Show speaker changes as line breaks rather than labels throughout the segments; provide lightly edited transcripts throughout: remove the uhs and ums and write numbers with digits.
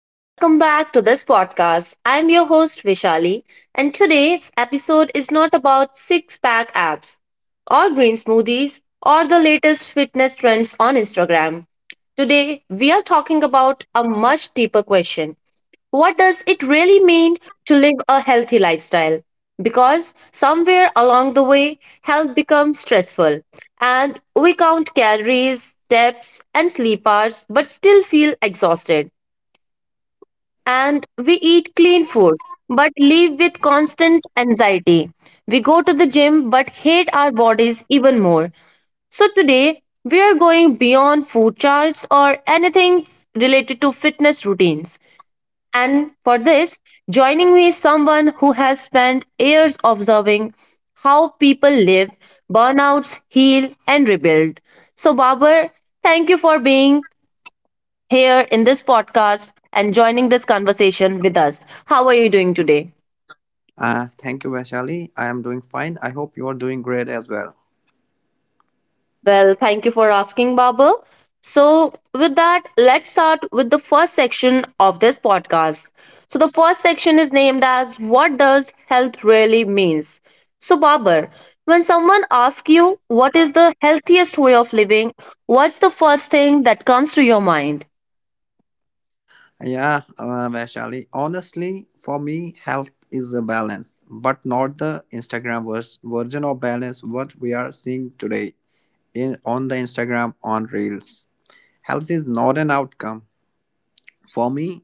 and welcome back to this podcast. I'm your host, Vishali, and today's episode is not about six pack abs, or green smoothies, or the latest fitness trends on Instagram. Today, we are talking about a much deeper question. What does it really mean to live a healthy lifestyle? Because somewhere along the way, health becomes stressful, and we count calories, steps, and sleep hours, but still feel exhausted, and we eat clean food but live with constant anxiety. We go to the gym but hate our bodies even more. So today we are going beyond food charts or anything related to fitness routines. And for this, joining me is someone who has spent years observing how people live, burnouts, heal, and rebuild. So, Babar, thank you for being here in this podcast and joining this conversation with us. How are you doing today?
Thank you, Vaishali. I am doing fine. I hope you are doing great as well.
Well, thank you for asking, Babur. So, with that, let's start with the first section of this podcast. So, the first section is named as What Does Health Really Means? So, Babur, when someone asks you what is the healthiest way of living, what's the first thing that comes to your mind?
Yeah, Vaishali, honestly, for me, health is a balance, but not the Instagram version of balance what we are seeing today in on the Instagram on Reels. Health is not an outcome. For me,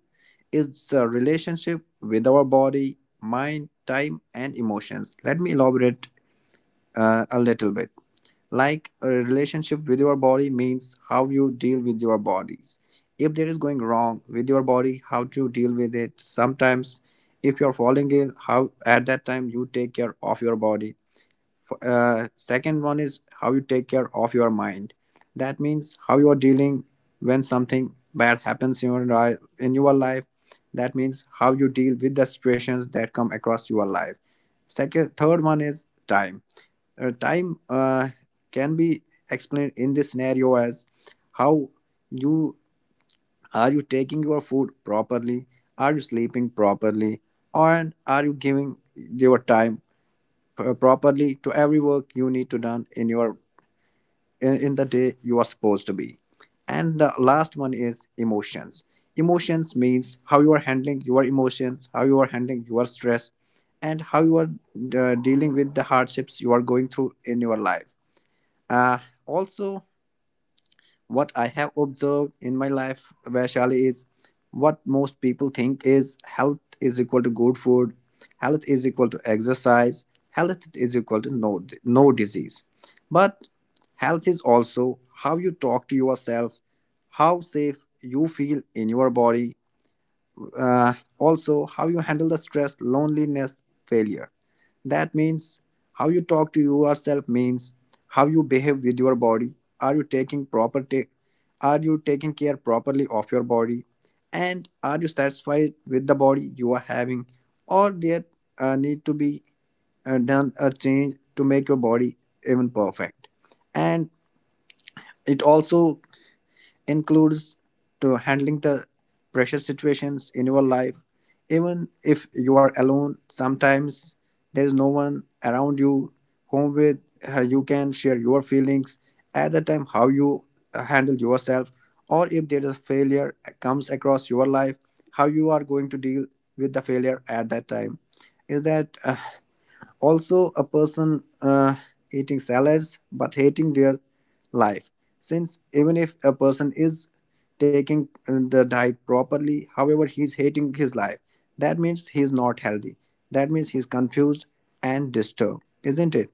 it's a relationship with our body, mind, time, and emotions. Let me elaborate a little bit. Like a relationship with your body means how you deal with your bodies, if there is going wrong with your body how to deal with it sometimes, if you're falling ill how at that time you take care of your body. Second one is how you take care of your mind. That means how you are dealing when something bad happens in your life. That means how you deal with the situations that come across your life. Second Third one is time. Time uh, can be explained in this scenario as how you are you taking your food properly, are you sleeping properly, and are you giving your time properly to every work you need to done in your, in the day you are supposed to be. And the last one is emotions. Emotions means how you are handling your emotions, how you are handling your stress, and how you are dealing with the hardships you are going through in your life. uh, Also, what I have observed in my life, Vaishali, is what most people think is health is equal to good food, health is equal to exercise, health is equal to no disease. But health is also how you talk to yourself, how safe you feel in your body, also how you handle the stress, loneliness, failure. That means how you talk to yourself means how you behave with your body. Are you taking are you taking care properly of your body, and are you satisfied with the body you are having, or there need to be done a change to make your body even perfect? And it also includes to handling the pressure situations in your life. Even if you are alone sometimes, there is no one around you whom with you can share your feelings, at the time how you handle yourself, or if there is a failure comes across your life, how you are going to deal with the failure at that time. Is that also a person eating salads but hating their life? Since even if a person is taking the diet properly, however he's hating his life, that means he's not healthy, that means he's confused and disturbed, isn't it?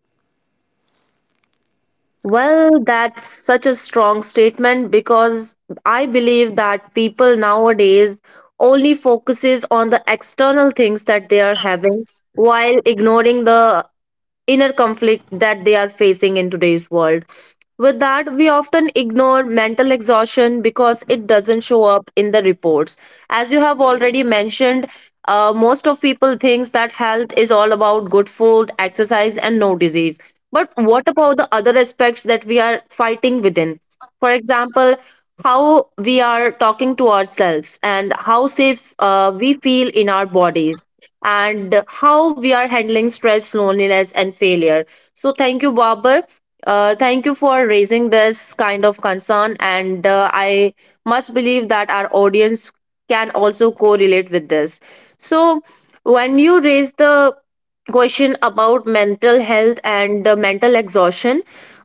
Well, that's such a strong statement because I believe that people nowadays only focuses on the external things that they are having while ignoring the inner conflict that they are facing in today's world. With that, we often ignore mental exhaustion because it doesn't show up in the reports. As you have already mentioned, most of people thinks that health is all about good food, exercise, and no disease. But what about the other aspects that we are fighting within? For example, how we are talking to ourselves and how safe we feel in our bodies and how we are handling stress, loneliness, and failure. So, thank you, Babar. Thank you for raising this kind of concern, and I much believe that our audience can also correlate with this. So, when you raise the question about mental health and mental exhaustion,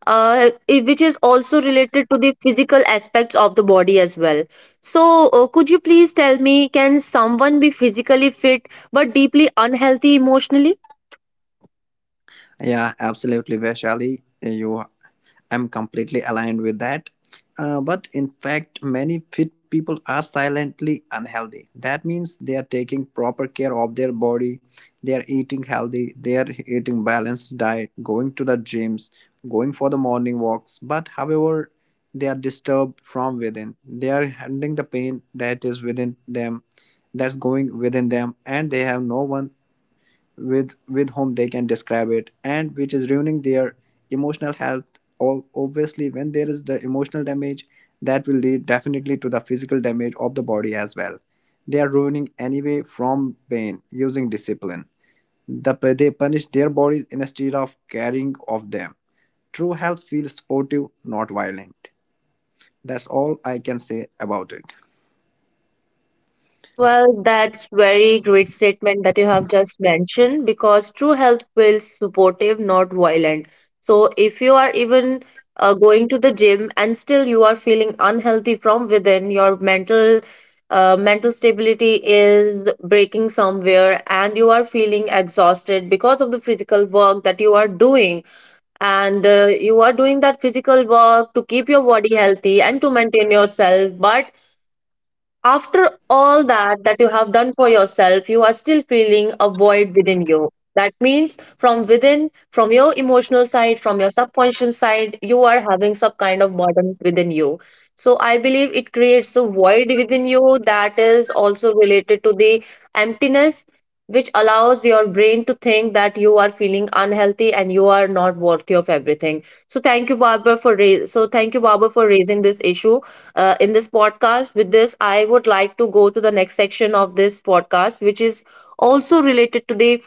which is also related to the physical aspects of the body as well. So, could you please tell me, can someone be physically fit but deeply unhealthy emotionally?
Yeah, absolutely, Vaishali. I'm completely aligned with that. But in fact, many fit people are silently unhealthy. That means they are taking proper care of their body, they are eating healthy, they are eating balanced diet, going to the gyms, going for the morning walks. But however, they are disturbed from within. They are handling the pain that is within them, that's going within them, and they have no one with whom they can describe it, and which is ruining their emotional health. Obviously, when there is the emotional damage, that will lead definitely to the physical damage of the body as well. They are ruining anyway from pain using discipline. They punish their bodies instead of caring of them. True health feels supportive, not violent. That's all I can say about it.
Well, that's very great statement that you have just mentioned because true health feels supportive, not violent. So if you are even going to the gym and still you are feeling unhealthy from within, your mental stability is breaking somewhere and you are feeling exhausted because of the physical work that you are doing, and you are doing that physical work to keep your body healthy and to maintain yourself, but after all that you have done for yourself, you are still feeling a void within you. That means from within, from your emotional side, from your subconscious side, you are having some kind of burden within you. So I believe it creates a void within you that is also related to the emptiness, which allows your brain to think that you are feeling unhealthy and you are not worthy of everything. So thank you, Barbara, for raising this issue in this podcast. With this, I would like to go to the next section of this podcast, which is also related to the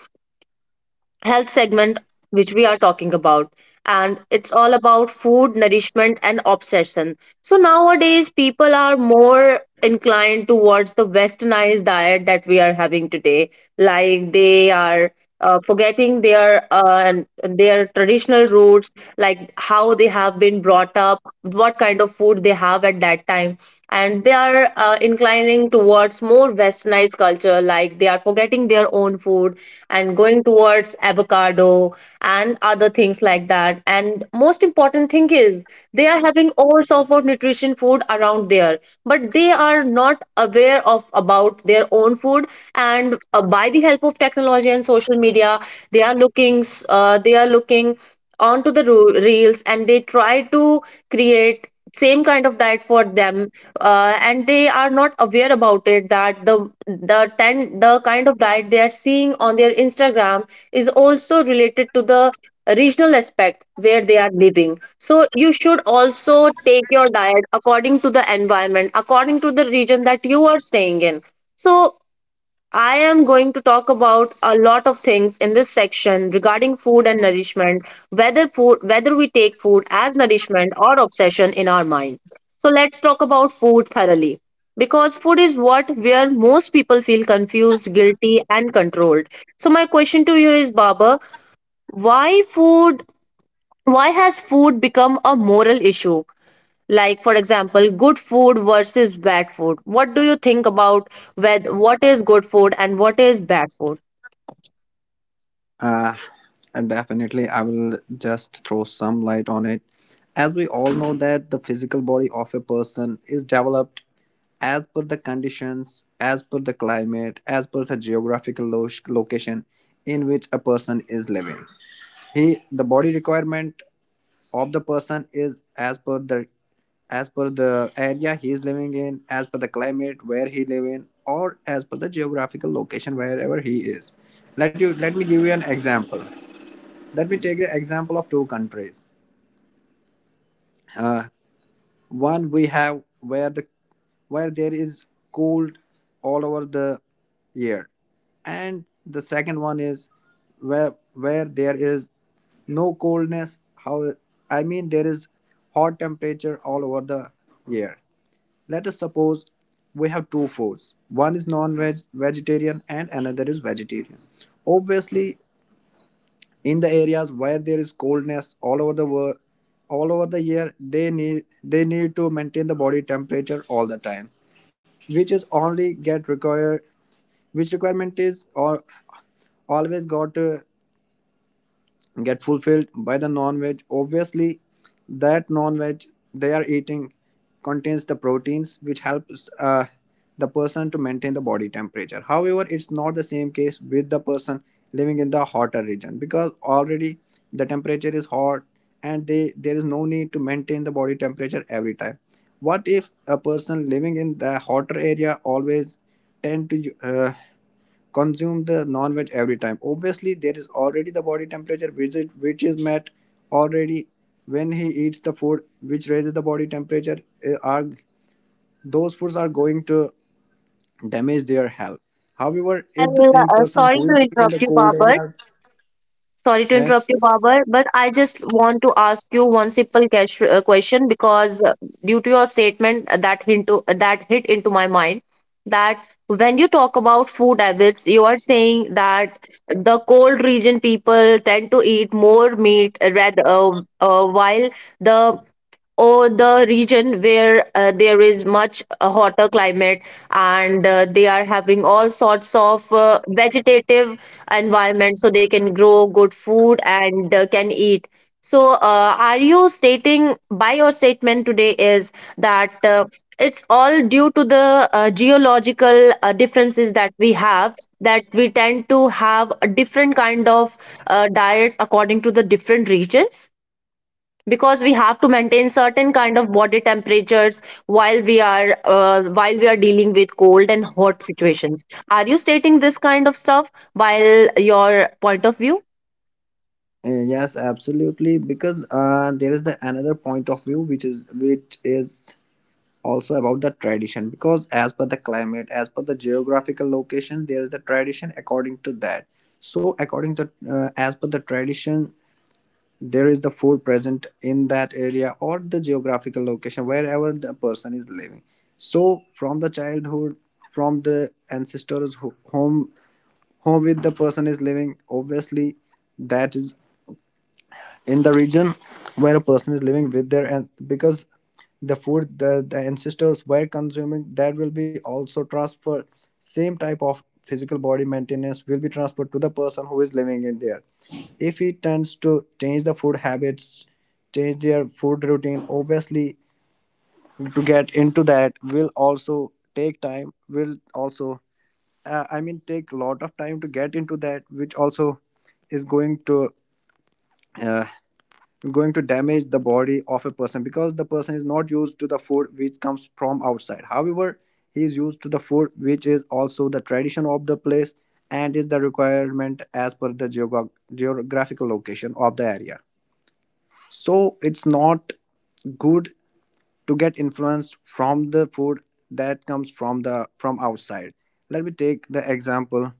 health segment which we are talking about, and it's all about food, nourishment, and obsession. So nowadays people are more inclined towards the westernized diet that we are having today, like they are forgetting their and their traditional roots, like how they have been brought up, what kind of food they have at that time, and they are inclining towards more westernized culture, like they are forgetting their own food and going towards avocado and other things like that. And most important thing is they are having all sorts of nutrition food around there, but they are not aware of about their own food. And by the help of technology and social media, they are they are looking onto the reels and they try to create same kind of diet for them, and they are not aware about it that the kind of diet they are seeing on their Instagram is also related to the regional aspect where they are living. So you should also take your diet according to the environment, according to the region that you are staying in. So I am going to talk about a lot of things in this section regarding food and nourishment, whether food whether we take food as nourishment or obsession in our mind. So let's talk about food thoroughly. Because food is what where most people feel confused, guilty and controlled. So my question to you is Baba, why food why has food become a moral issue? Like for example, good food versus bad food. What do you think about whether what is good food and what is bad food?
Uh, Definitely, I will just throw some light on it. As we all know that the physical body of a person is developed as per the conditions, as per the climate, as per the geographical location in which a person is living. The body requirement of the person is as per the, as per the area he is living in, as per the climate where he live in, or as per the geographical location wherever he is. Let me give you an example. Let me take the example of two countries. Uh, One we have where the where there is cold all over the year, and the second one is where there is no coldness. How, I mean, there is hot temperature all over the year. Let us suppose we have two foods. One is non-veg vegetarian, and another is vegetarian. Obviously, in the areas where there is coldness all over the world all over the year, they need to maintain the body temperature all the time, which is only get required, which requirement is or always got get fulfilled by the non-veg. Obviously, that non-veg they are eating contains the proteins which helps the person to maintain the body temperature. However, it's not the same case with the person living in the hotter region, because already the temperature is hot, and they there is no need to maintain the body temperature every time. What if a person living in the hotter area always tend to consume the non-veg every time? Obviously, there is already the body temperature which which is met already. When he eats the food which raises the body temperature, are those foods are going to damage their health? However, if the
Well,
same person
sorry
who
to
is living in
interrupt
the
you,
cold
Babar.
areas,
Sorry to
yes.
interrupt you, Babar, but I just want to ask you one simple question, because due to your statement, that hit into my mind that when you talk about food habits, you are saying that the cold region people tend to eat more meat, rather while the or the region where there is much hotter climate and they are having all sorts of vegetative environment, so they can grow good food and can eat. So are you stating by your statement today is that it's all due to the geological differences that we have, that we tend to have a different kind of diets according to the different regions, because we have to maintain certain kind of body temperatures while we are dealing with cold and hot situations? Are you stating this kind of stuff while your point of view?
Yes, absolutely, because there is the another point of view which is also about the tradition, because as per the climate, as per the geographical location, there is the tradition according to that. So according to as per the tradition, there is the food present in that area or the geographical location wherever the person is living. So from the childhood, from the ancestors home with the person is living. Obviously, that is in the region where a person is living with their, and because the food the ancestors were consuming, that will be also transferred, same type of physical body maintenance will be transferred to the person who is living in there. If he tends to change the food habits, change their food routine, obviously to get into that will also take time, will also I mean take a lot of time to get into that, which also is going to uh, going to damage the body of a person, because the person is not used to the food which comes from outside. However, he is used to the food which is also the tradition of the place and is the requirement as per the geographical location of the area. So it's not good to get influenced from the food that comes from the from outside. Let me take the example,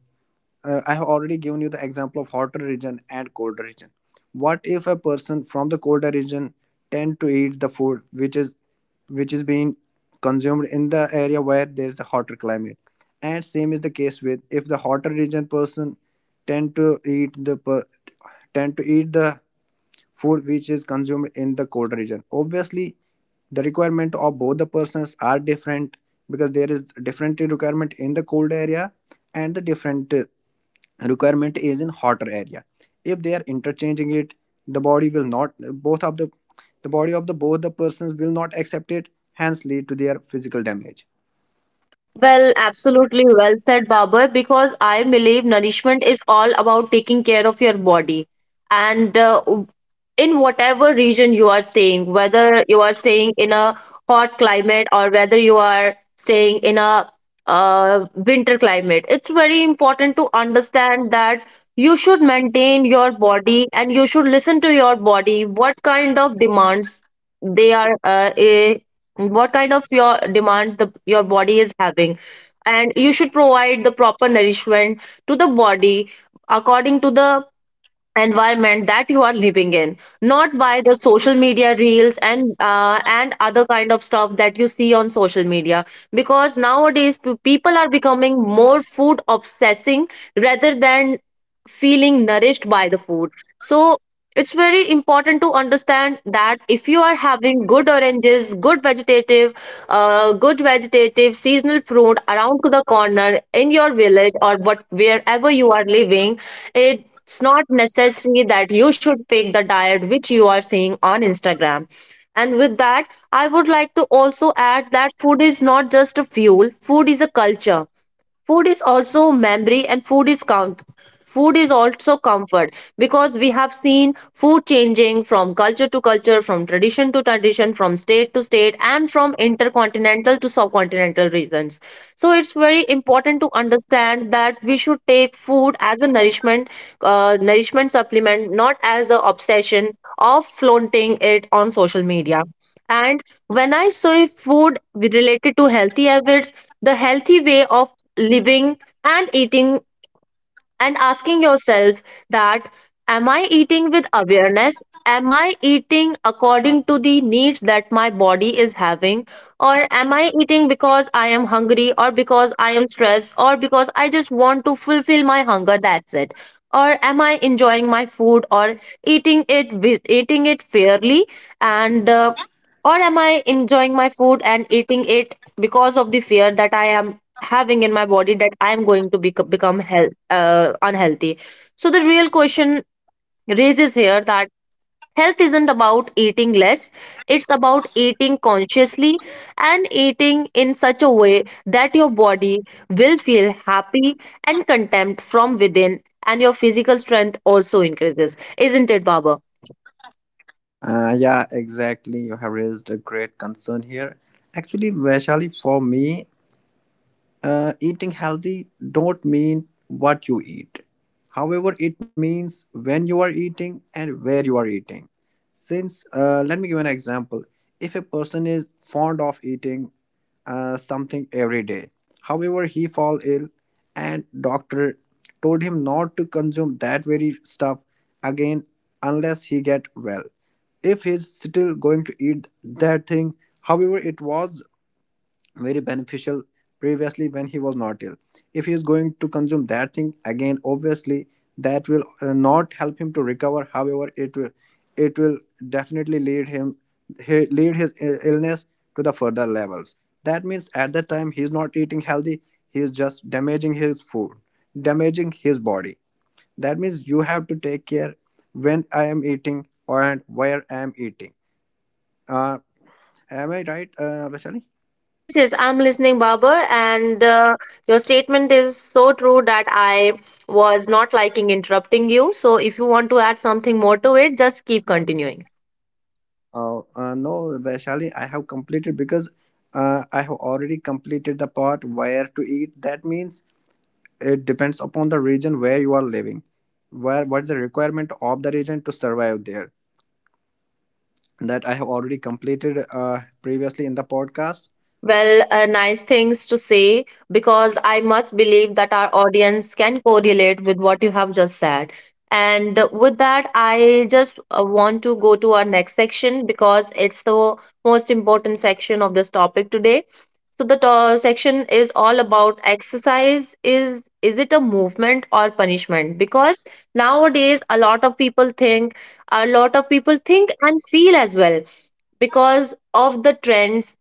I have already given you the example of hotter region and colder region. What if a person from the colder region tend to eat the food which is, which is being consumed in the area where there is a hotter climate? And same is the case with if the hotter region person tend to eat the per- tend to eat the food which is consumed in the cold region. Obviously, the requirement of both the persons are different, because there is different requirement in the cold area, and the different requirement is in hotter area. If they are interchanging it, the body will not, both of the body of the both the persons will not accept it, hence lead to their physical damage.
Well, absolutely well said, Babar, because I believe nourishment is all about taking care of your body. And in whatever region you are staying, whether you are staying in a hot climate or whether you are staying in a winter climate, it's very important to understand that you should maintain your body and you should listen to your body, what kind of demands they are uh, eh, what kind of your demands the your body is having, and you should provide the proper nourishment to the body according to the environment that you are living in, not by the social media reels and other kind of stuff that you see on social media, because nowadays people are becoming more food obsessing rather than feeling nourished by the food. So it's very important to understand that if you are having good oranges, good vegetative seasonal fruit around to the corner in your village or what wherever you are living it. It's not necessary that you should pick the diet which you are seeing on Instagram. And with that, I would like to also add that food is not just a fuel, food is a culture. Food is also memory and food is count. Food is also comfort, because we have seen food changing from culture to culture, from tradition to tradition, from state to state, and from intercontinental to subcontinental regions. So it's very important to understand that we should take food as a nourishment, nourishment supplement, not as an obsession of flaunting it on social media. And when I say food related to healthy habits, the healthy way of living and eating and asking yourself that am I eating with awareness, am I eating according to the needs that my body is having, or am I eating because I am hungry, or because I am stressed, or because I just want to fulfill my hunger, that's it, or am I enjoying my food, or eating it fairly, and or am I enjoying my food and eating it because of the fear that I am having in my body, that I am going to be become unhealthy. So the real question raises here that health isn't about eating less; it's about eating consciously and eating in such a way that your body will feel happy and content from within, and your physical strength also increases. Isn't it, Baba?
Yeah, exactly, you have raised a great concern here. Actually, Vaishali, for me, eating healthy don't mean what you eat, however it means when you are eating and where you are eating. Since let me give an example. If a person is fond of eating something every day, however he fall ill, and doctor told him not to consume that very stuff again unless he get well, if he's still going to eat that thing, however it was very beneficial previously when he was not ill, if he is going to consume that thing again, obviously that will not help him to recover, however it will, it will definitely lead him, lead his illness to the further levels. That means at that time he is not eating healthy, he is just damaging his food, damaging his body. That means you have to take care when I am eating and where I am eating. uh, am I right, Vaishali?
Yes, yes, I'm listening, Babar, and your statement is so true that I was not liking interrupting you. So, if you want to add something more to it, just keep continuing.
No, Vaishali, I have completed, because I have already completed the part where to eat. That means it depends upon the region where you are living, where what's the requirement of the region to survive there. That I have already completed previously in the podcast.
Well, nice things to say because I much believe that our audience can correlate with what you have just said. And With that, I just want to go to our next section because it's the most important section of this topic today. So the section is all about exercise. Is it a movement or punishment? Because nowadays, a lot of people think and feel as well because of the trends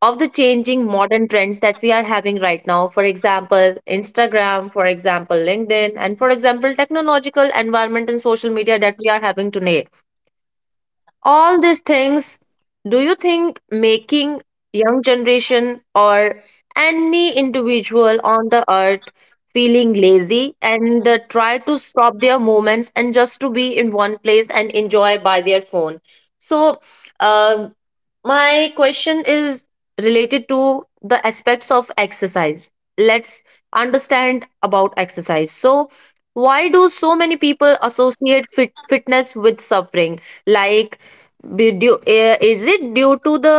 of the changing modern trends that we are having right now. For example, Instagram, for example, LinkedIn, and for example, technological environment and social media that we are having today, all these things, do you think making young generation or any individual on the earth feeling lazy and try to stop their movements and just to be in one place and enjoy by their phone? So um my question is related to the aspects of exercise. Let's understand about exercise. So why do so many people associate fitness with suffering? Like, is it due to the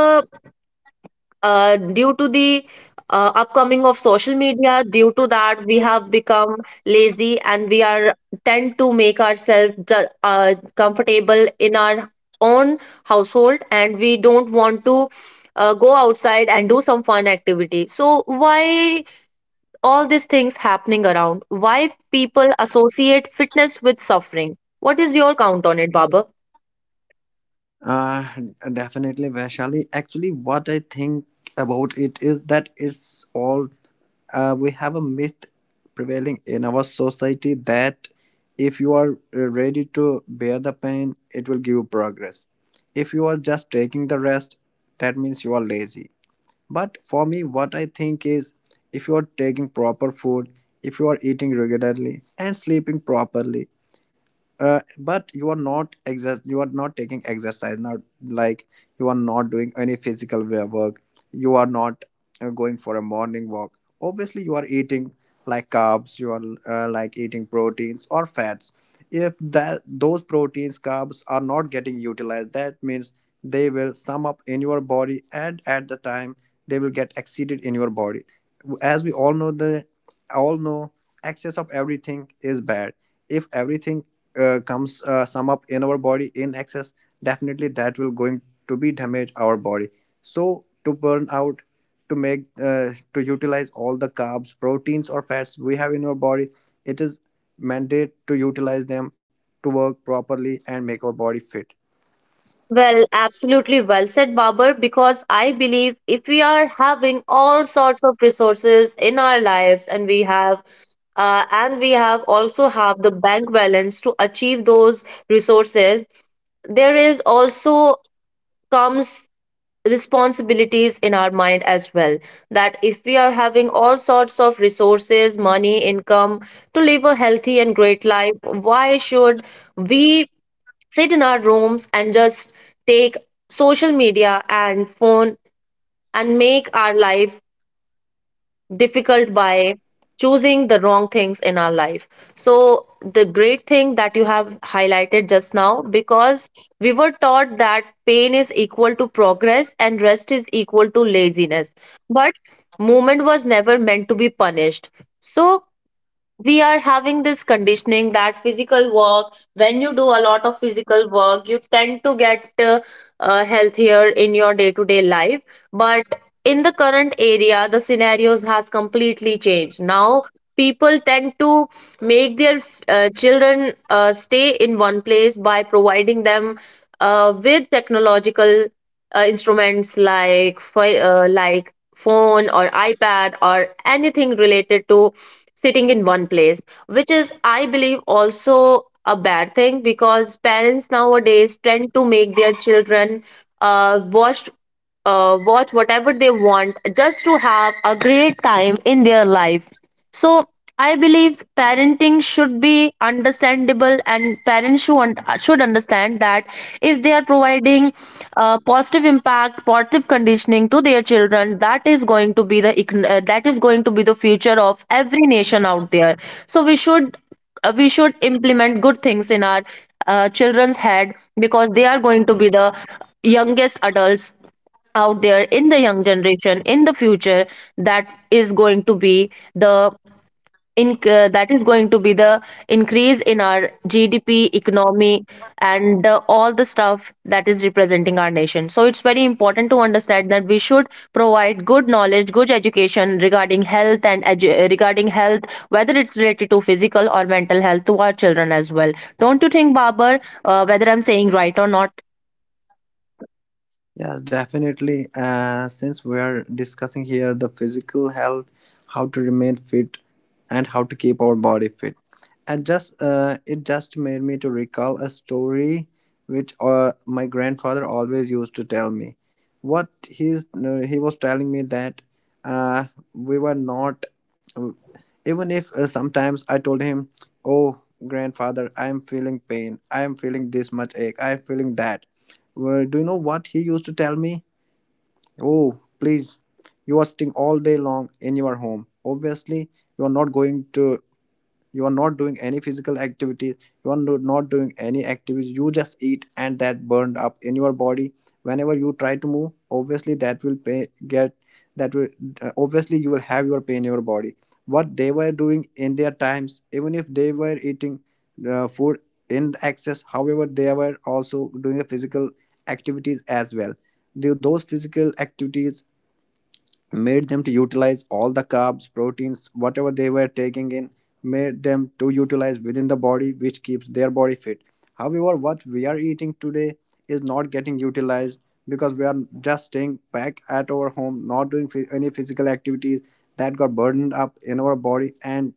uh, due to the upcoming of social media, due to that we have become lazy and we are tend to make ourselves comfortable in our own household and we don't want to go outside and do some fun activity? So why all these things happening around, why people associate fitness with suffering? What is your count on it, baba?
Uh, Definitely, Vaishali. Actually, what I think about it is that it's all we have a myth prevailing in our society that if you are ready to bear the pain, it will give you progress. If you are just taking the rest, that means you are lazy. But for me, what I think is if you are taking proper food, if you are eating regularly and sleeping properly, but you are not taking exercise now, like you are not doing any physical work, you are not going for a morning walk. Obviously, you are eating like carbs, you are like eating proteins or fats. If that those proteins, carbs are not getting utilized, that means they will sum up in your body, and at the time they will get exceeded in your body. As we all know, all know excess of everything is bad. If everything comes, sum up in our body in excess, definitely that will going to be damage our body. So to burn out, to utilize all the carbs, proteins or fats we have in our body, it is mandate to utilize them, to work properly and make our body fit.
Well, absolutely well said, Babar, because I believe if we are having all sorts of resources in our lives and we have also have the bank balance to achieve those resources, there is also comes responsibilities in our mind as well, that if we are having all sorts of resources, money, income to live a healthy and great life, why should we sit in our rooms and just take social media and phone and make our life difficult by choosing the wrong things in our life? So the great thing that you have highlighted just now, because we were taught that pain is equal to progress and rest is equal to laziness, but movement was never meant to be punished. So we are having this conditioning that physical work, when you do a lot of physical work, you tend to get healthier in your day to day life. But in the current area, the scenarios has completely changed now. People tend to make their children stay in one place by providing them with technological instruments like like phone or iPad or anything related to sitting in one place, which is, I believe, also a bad thing, because parents nowadays tend to make their children uh, watch watch whatever they want just to have a great time in their life. So I believe parenting should be understandable, and parents should should understand that if they are providing positive impact, positive conditioning to their children, that is going to be the future of every nation out there. So we should implement good things in our children's head, because they are going to be the youngest adults out there in the young generation in the future. That is going to be the in that is going to be the increase in our GDP, economy, and all the stuff that is representing our nation. So it's very important to understand that we should provide good knowledge, good education regarding health and regarding health, whether it's related to physical or mental health, to our children as well. Don't you think, Babar, whether I'm saying right or not?
Yes, definitely. Since we are discussing here the physical health, how to remain fit, and how to keep our body fit, and just it just made me to recall a story which my grandfather always used to tell me. What he's no, He was telling me that uh, we were not, even if sometimes I told him, "Oh, grandfather, I am feeling pain. I am feeling this much ache. I am feeling that." Well, do you know what he used to tell me? Oh, please, you are sitting all day long in your home. Obviously, you are not going to you are not doing any physical activity, you are not doing any activity, you just eat and that burned up in your body. Whenever you try to move, obviously that will pay, get that will obviously you will have your pain in your body. What they were doing in their times, even if they were eating the food in excess, however they were also doing the physical activities as well. Those physical activities made them to utilize all the carbs, proteins whatever they were taking in, made them to utilize within the body, which keeps their body fit. However, what we are eating today is not getting utilized because we are just staying back at our home, not doing any physical activities, that got burdened up in our body and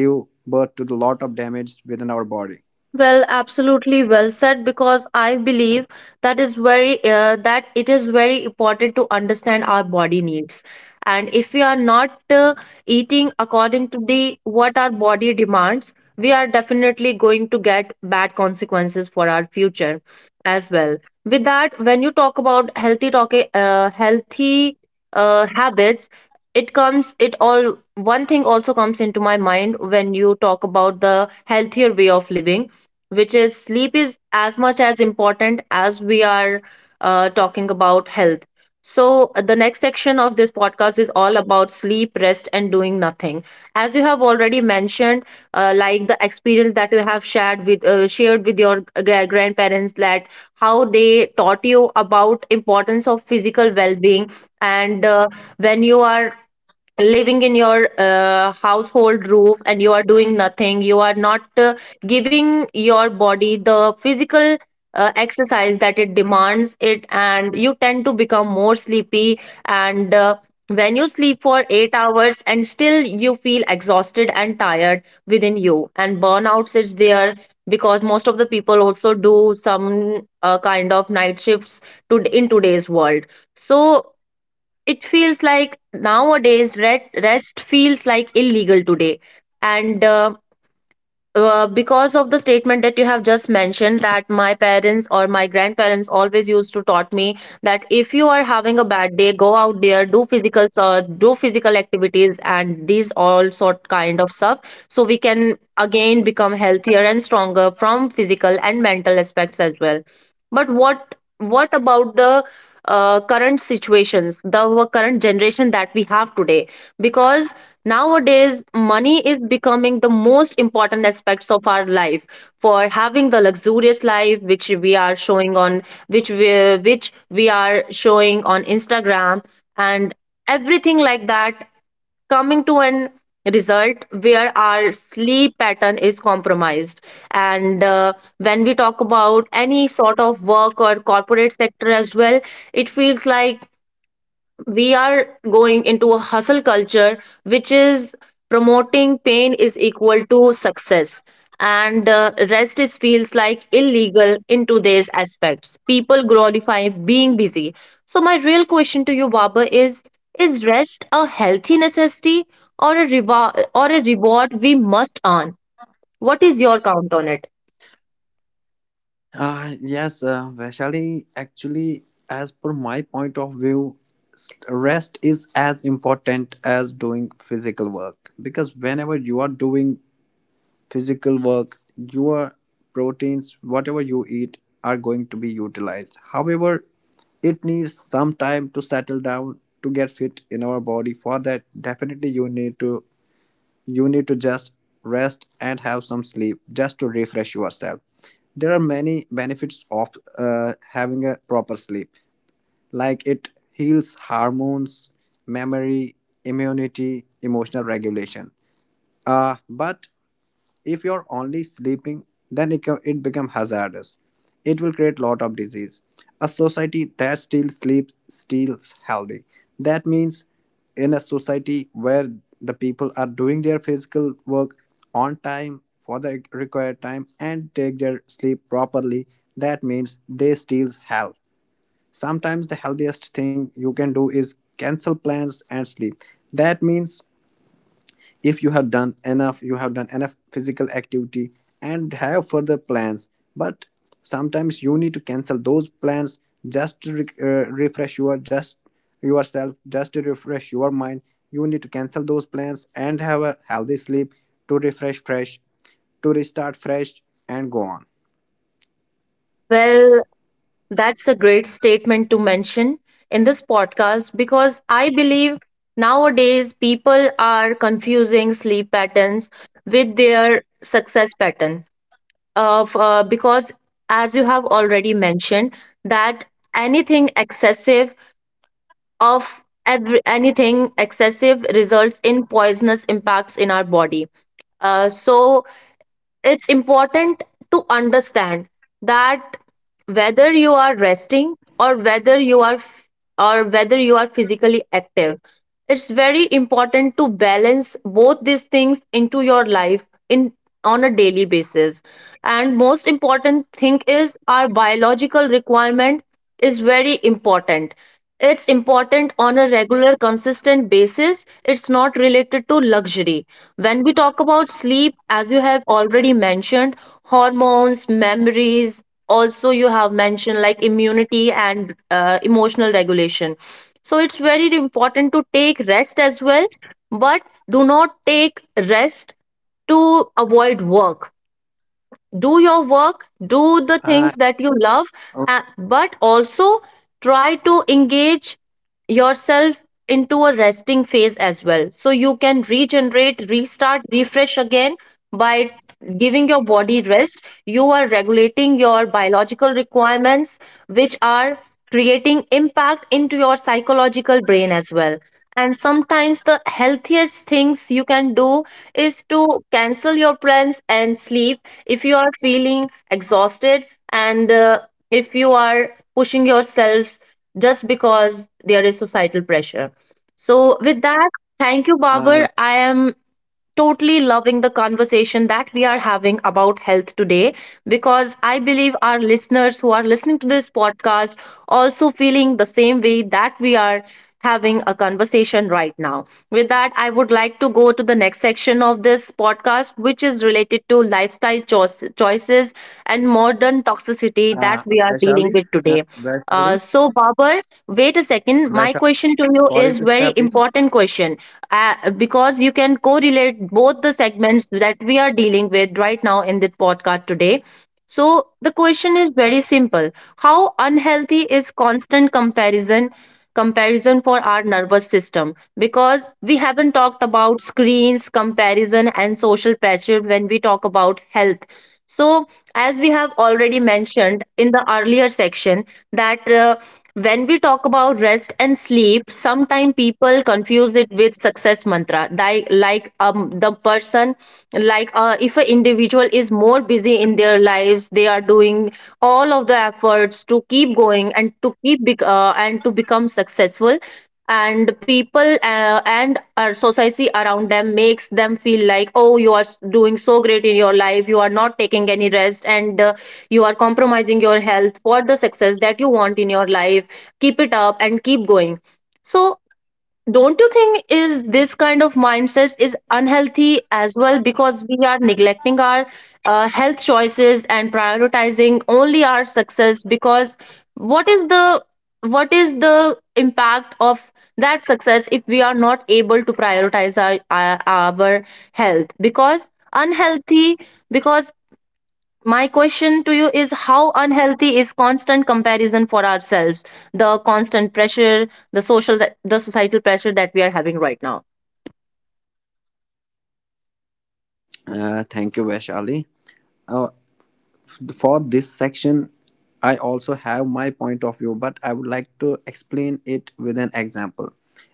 give birth to the lot of damage within our body.
Well, absolutely well said, because I believe that is very that it is very important to understand our body needs. And if we are not eating according to the what our body demands, we are definitely going to get bad consequences for our future as well. With that, when you talk about healthy talk, healthy habits, it comes, it all, one thing also comes into my mind when you talk about the healthier way of living, which is sleep is as much as important as we are talking about health. So, the next section of this podcast is all about sleep, rest, and doing nothing. As you have already mentioned, like the experience that you have shared with your grandparents, that how they taught you about importance of physical well-being, and when you are living in your household roof and you are doing nothing, you are not giving your body the physical exercise that it demands it, and you tend to become more sleepy. And when you sleep for 8 hours and still you feel exhausted and tired within you and burnouts is there, because most of the people also do some kind of night shifts to in today's world. So it feels like nowadays rest feels like illegal today. And Because of the statement that you have just mentioned, that my parents or my grandparents always used to taught me that if you are having a bad day, go out there, do physical activities, and these all sort kind of stuff, so we can again become healthier and stronger from physical and mental aspects as well. But what about the current situations, the current generation that we have today. Because nowadays, money is becoming the most important aspects of our life for having the luxurious life which we are showing on, which we are showing on Instagram and everything like that, coming to an result where our sleep pattern is compromised. And when we talk about any sort of work or corporate sector as well, it feels like we are going into a hustle culture which is promoting pain is equal to success. And rest is feels like illegal in today's aspects, people glorify being busy. So my real question to you, baba, is rest a healthy necessity or a reward we must earn? What is your count on it?
Yes, Vaishali, actually, as per my point of view, rest is as important as doing physical work, because whenever you are doing physical work, your proteins, whatever you eat, are going to be utilized. However, it needs some time to settle down to get fit in our body. For that, definitely you need to just rest and have some sleep just to refresh yourself. There are many benefits of having a proper sleep, like it heals hormones, memory, immunity, emotional regulation, but if you're only sleeping, then it becomes hazardous, it will create lot of disease. A society that still sleeps steals healthy. That means in a society where the people are doing their physical work on time for the required time and take their sleep properly, that means they steals health. Sometimes the healthiest thing you can do is cancel plans and sleep. That means if you have done enough, you have done enough physical activity and have further plans, but sometimes you need to cancel those plans just to refresh yourself, just to refresh your mind. You need to cancel those plans and have a healthy sleep, to refresh fresh, to restart fresh and go on.
Well, that's a great statement to mention in this podcast, because I believe nowadays people are confusing sleep patterns with their success pattern. Of Because as you have already mentioned that anything excessive of anything excessive results in poisonous impacts in our body. So it's important to understand that whether you are resting or whether you are physically active, it's very important to balance both these things into your life in on a daily basis. And most important thing is our biological requirement is very important. It's important on a regular, consistent basis. It's not related to luxury. When we talk about sleep, as you have already mentioned, hormones, memories, also you have mentioned like immunity and emotional regulation. So it's very important to take rest as well, but do not take rest to avoid work. Do your work, do the
uh,
things that you love, but also try to engage yourself into a resting phase as well. So you can regenerate, restart, refresh again by giving your body rest. You are regulating your biological requirements, which are creating impact into your psychological brain as well. And sometimes the healthiest things you can do is to cancel your plans and sleep if you are feeling exhausted, and if you are pushing yourselves just because there is societal pressure. So, with that, thank you,
uh,
Babar. I am totally loving the conversation that we are having about health today, because I believe our listeners who are listening to this podcast also feeling the same way that we are having a conversation right now. With that, I would like to go to the next section of this podcast, which is related to lifestyle choices and modern
uh,
toxicity
Vaishali,
that we are
uh,
dealing with
Vaishali,
today. So, Babar, wait a
Vaishali,
second. My question
sorry
to
to
you
step in.
is very important question, because you can correlate both the segments that we are dealing with right now in this podcast today. So, the question is very simple. How unhealthy is constant comparison for our nervous system? Because we haven't talked about screens, comparison and social pressure when we talk about health. So, as we have already mentioned in the earlier section, that when we talk about rest and sleep, sometimes people confuse it with success mantra. Like the person, like If an individual is more busy in their lives, they are doing all of the efforts to keep going and to become successful, and people and our society around them makes them feel like, oh, you are doing so great in your life, you are not taking any rest, and you are compromising your health for the success that you want in your life. Keep it up and keep going. So don't you think is this kind of mindset is unhealthy as well, because we are neglecting our health choices and prioritizing only our success? Because what is the, what is the impact of that success if we are not able to prioritize our health? Because unhealthy, because my question to you is, how unhealthy is constant comparison for ourselves, the constant pressure, the social, the societal pressure that we are having right now?
Thank you, Vaishali. Uh, for this section, I also have my point of view, but I would like to explain it with an example.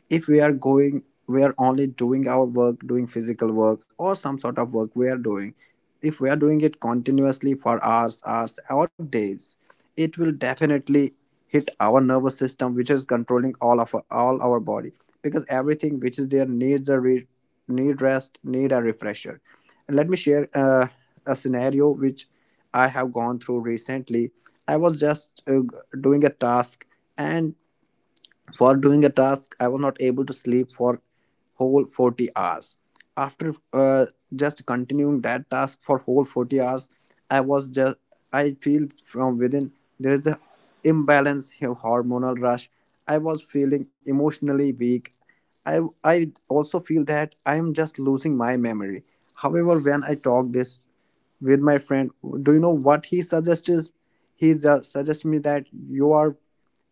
If we are going We are only doing our work, doing physical work or some sort of work we are doing. If we are doing it continuously for hours, or days, it will definitely hit our nervous system, which is controlling all of our, all our body, because everything which is there needs need rest, need a refresher. And let me share a scenario which I have gone through recently. I was doing a task, and for doing a task, I was not able to sleep for whole 40 hours. After just continuing that task for whole 40 hours, I was just I feel from within there is the imbalance of hormonal rush. I was feeling emotionally weak. I also feel that I am just losing my memory. However, when I talk this with my friend, do you know what he suggests? He just suggests me that you are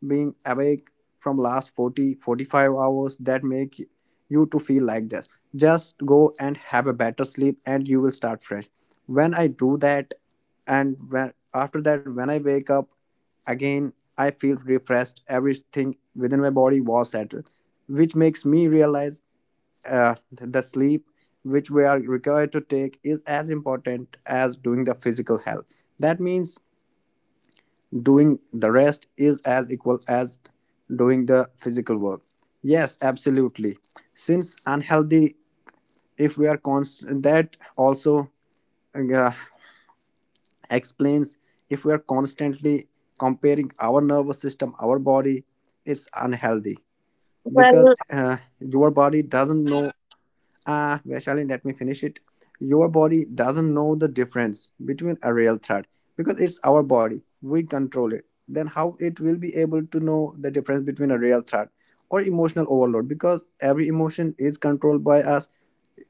being awake from last 40-45 hours, that make you to feel like this. Just go and have a better sleep, and you will start fresh. When I do that, and when after that when I wake up again, I feel refreshed, everything within my body was settled, which makes me realize uh, the sleep which we are required to take is as important as doing the physical health. That means doing the rest is as equal as doing the physical work. Yes, absolutely. Since unhealthy, if we are constant, that also uh, explains if we are constantly comparing our nervous system, our body, it's unhealthy, because
Well,
your body doesn't know. Ah, Vaishali, let me finish it. Your body doesn't know the difference between a real threat, because it's our body. We control it. Then how it will be able to know the difference between a real threat or emotional overload, because every emotion is controlled by us.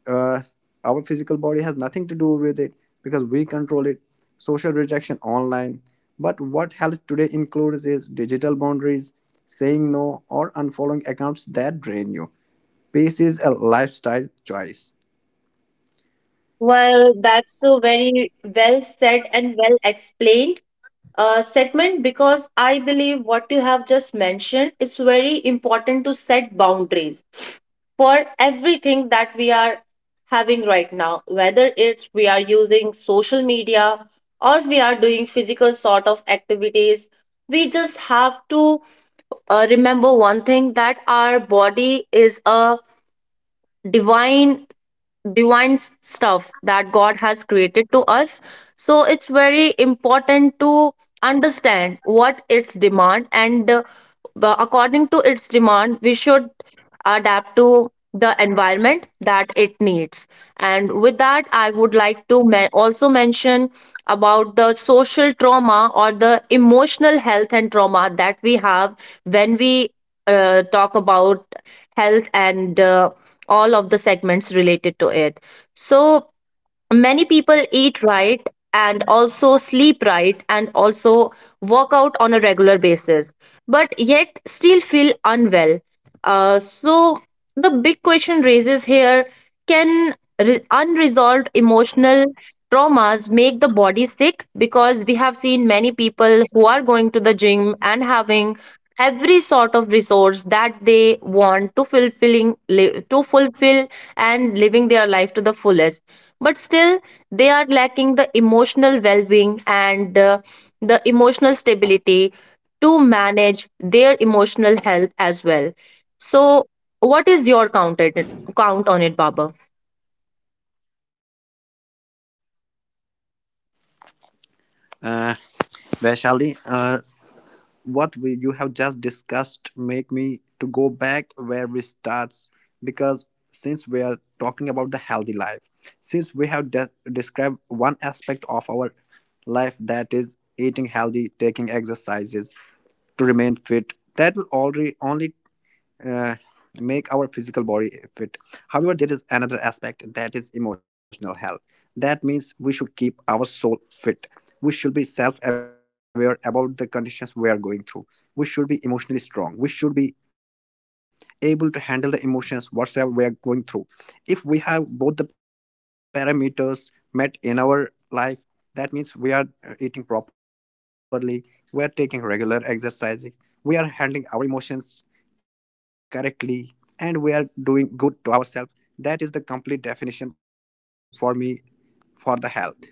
Uh, our physical body has nothing to do with it, because we control it. Social rejection online. But what health today includes is digital boundaries, saying no, or unfollowing accounts that drain you. Peace is a lifestyle choice.
well, that's so very well said and well explained segment, because I believe what you have just mentioned is very important to set boundaries for everything that we are having right now, whether it's we are using social media or we are doing physical sort of activities. We just have to remember one thing, that our body is a divine, divine stuff that God has created to us. So it's very important to understand what its demand, and according to its demand, we should adapt to the environment that it needs. And with that, I would like to also mention about the social trauma or the emotional health and trauma that we have when we talk about health and all of the segments related to it. So many people eat right and also sleep right and also work out on a regular basis, but yet still feel unwell. So the big question raises here, can unresolved emotional traumas make the body sick? Because we have seen many people who are going to the gym and having every sort of resource that they want, to fulfill and living their life to the fullest, but still they are lacking the emotional well-being and the emotional stability to manage their emotional health as well. So what is your count at it, count on it, Baba?
Uh, Vaishali, you have just discussed make me to go back where we starts, because since we are talking about the healthy life, since we have described one aspect of our life, that is eating healthy, taking exercises to remain fit, that will already only uh, make our physical body fit. However, there is another aspect, that is emotional health. That means we should keep our soul fit. We should be self aware about the conditions we are going through. We should be emotionally strong. We should be able to handle the emotions whatsoever we are going through. If we have both the parameters met in our life, that means we are eating properly, we are taking regular exercises, we are handling our emotions correctly, and we are doing good to ourselves, that is the complete definition for me for the health.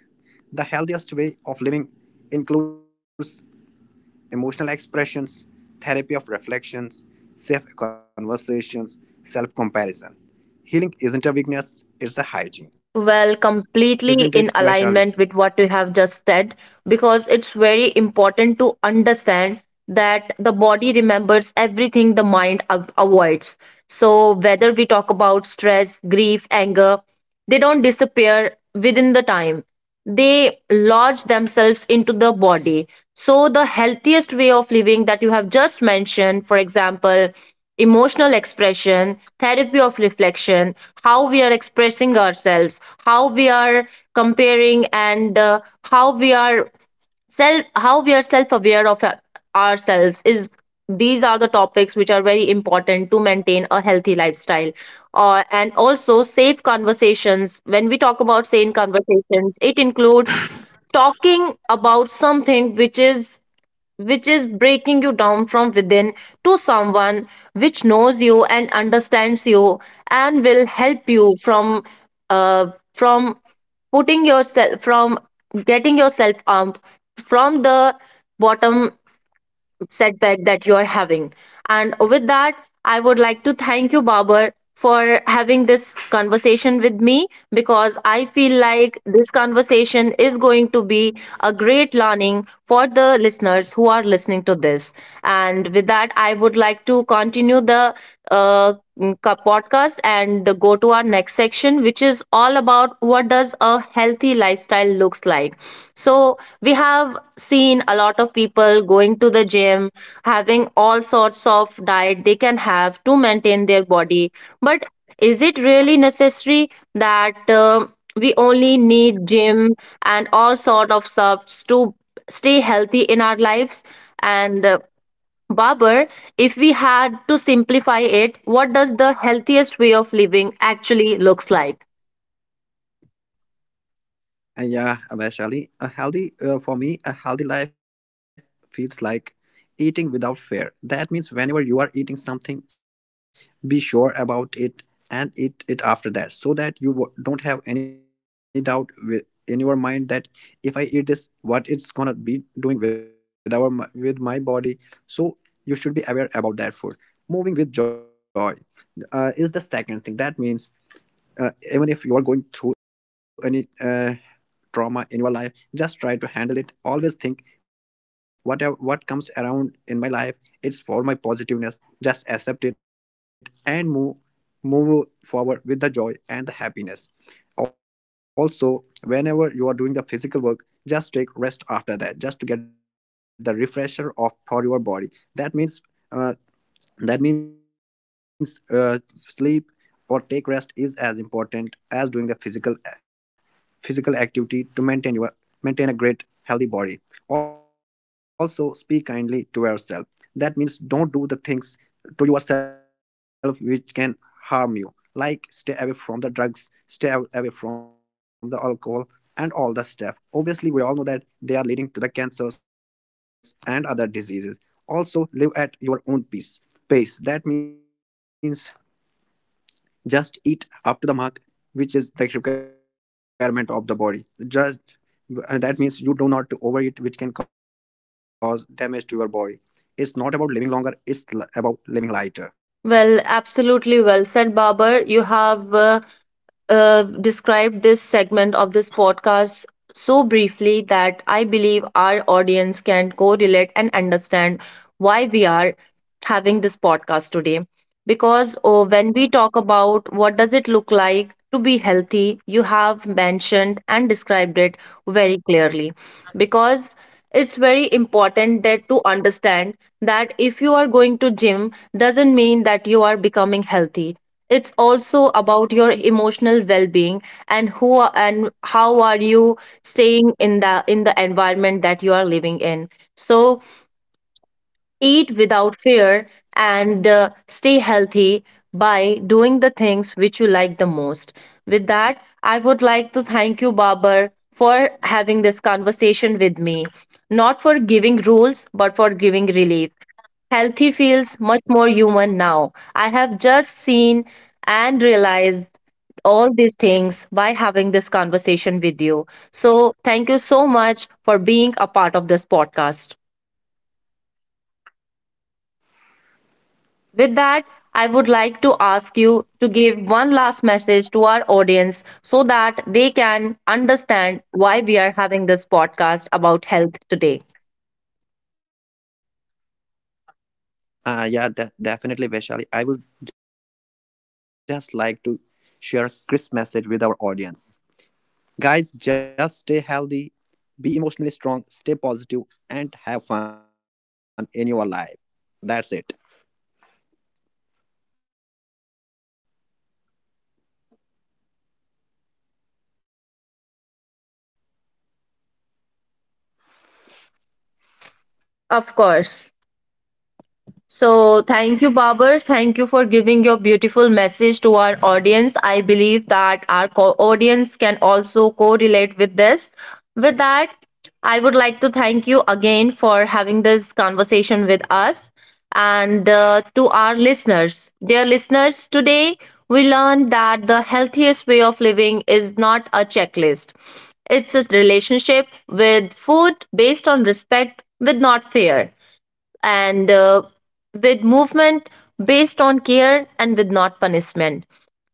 The healthiest way of living includes emotional expressions, therapy of reflections, safe conversations, self comparison. Healing isn't a weakness, it's a hygiene.
Well,
Isn't
completely
it,
in
Vaishali?
alignment with what you have just said, because it's very important to understand that the body remembers everything the mind avoids. So, whether we talk about stress, grief, anger, they don't disappear within the time. They lodge themselves into the body. So, the healthiest way of living that you have just mentioned, for example, emotional expression, therapy of reflection, how we are expressing ourselves, how we are comparing, and how we are self how we are self aware of ourselves, is these are the topics which are very important to maintain a healthy lifestyle. And also safe conversations, when we talk about sane conversations, it includes talking about something which is, which is breaking you down from within, to someone which knows you and understands you and will help you from putting yourself from getting yourself up from the bottom setback that you are having. And with that, I would like to thank you, Babar, for having this conversation with me, because I feel like this conversation is going to be a great learning for the listeners who are listening to this. And with that, I would like to continue the podcast and go to our next section, which is all about what does a healthy lifestyle looks like. So we have seen a lot of people going to the gym, having all sorts of diet they can have to maintain their body, but is it really necessary that we only need gym and all sort of stuffs to stay healthy in our lives? And Babar, if we had to simplify it, what does the healthiest way of living actually looks like?
And yeah, Vaishali, a healthy for me, a healthy life feels like eating without fear. That means whenever you are eating something, be sure about it and eat it after that, so that you don't have any doubt in your mind that if I eat this, what it's gonna be doing with our with my body. So you should be aware about that food. Moving with joy is the second thing. That means even if you are going through any trauma in your life, just try to handle it. Always think, whatever what comes around in my life, it's for my positiveness, just accept it and move forward with the joy and the happiness. Also, whenever you are doing the physical work, just take rest after that, just to get the refresher of for your body. That means uh, that means uh, sleep or take rest is as important as doing the physical activity to maintain a great healthy body. Also, speak kindly to yourself. That means don't do the things to yourself which can harm you, like stay away from the drugs, stay away from the alcohol and all the stuff. Obviously we all know that they are leading to the cancers and other diseases. Also, live at your own peace pace. That means just eat up to the mark, which is the requirement of the body. Just That means you do not overeat, which can cause damage to your body. It's not about living longer; it's about living lighter.
Well, absolutely well said, Babar. You have described this segment of this podcast so briefly that I believe our audience can correlate and understand why we are having this podcast today. Because oh, when we talk about what does it look like to be healthy, you have mentioned and described it very clearly. Because it's very important that to understand that if you are going to gym doesn't mean that you are becoming healthy, it's also about your emotional well-being and who are, and how are you staying in the environment that you are living in. So eat without fear, and stay healthy by doing the things which you like the most. With that, I would like to thank you, Babar, for having this conversation with me. Not for giving rules, but for giving relief. Healthy feels much more human now. I have just seen and realized all these things by having this conversation with you. So, thank you so much for being a part of this podcast. With that, I would like to ask you to give one last message to our audience so that they can understand why we are having this podcast about health today.
Yeah, definitely, Vaishali. I would just like to share a crisp message with our audience. Guys, just stay healthy, be emotionally strong, stay positive, and have fun in your life. That's it.
Of course. So, thank you, Babar. Thank you for giving your beautiful message to our audience. I believe that our audience can also correlate with this. With that, I would like to thank you again for having this conversation with us. And to our listeners, dear listeners, today we learned that the healthiest way of living is not a checklist, it's a relationship with food based on respect, with not fear, and with movement based on care and with not punishment,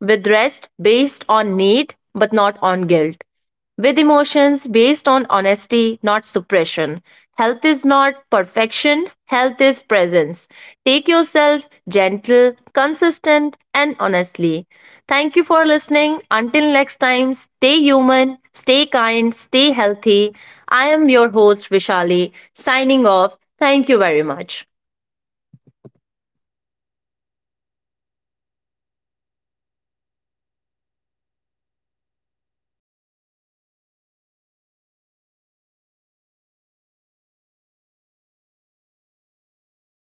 with rest based on need but not on guilt, with emotions based on honesty, not suppression. Health is not perfection, health is presence. Take yourself gentle, consistent, and honestly. Thank you for listening. Until next time, stay human, stay kind, stay healthy. I am your host, Vishali, signing off. Thank you very much.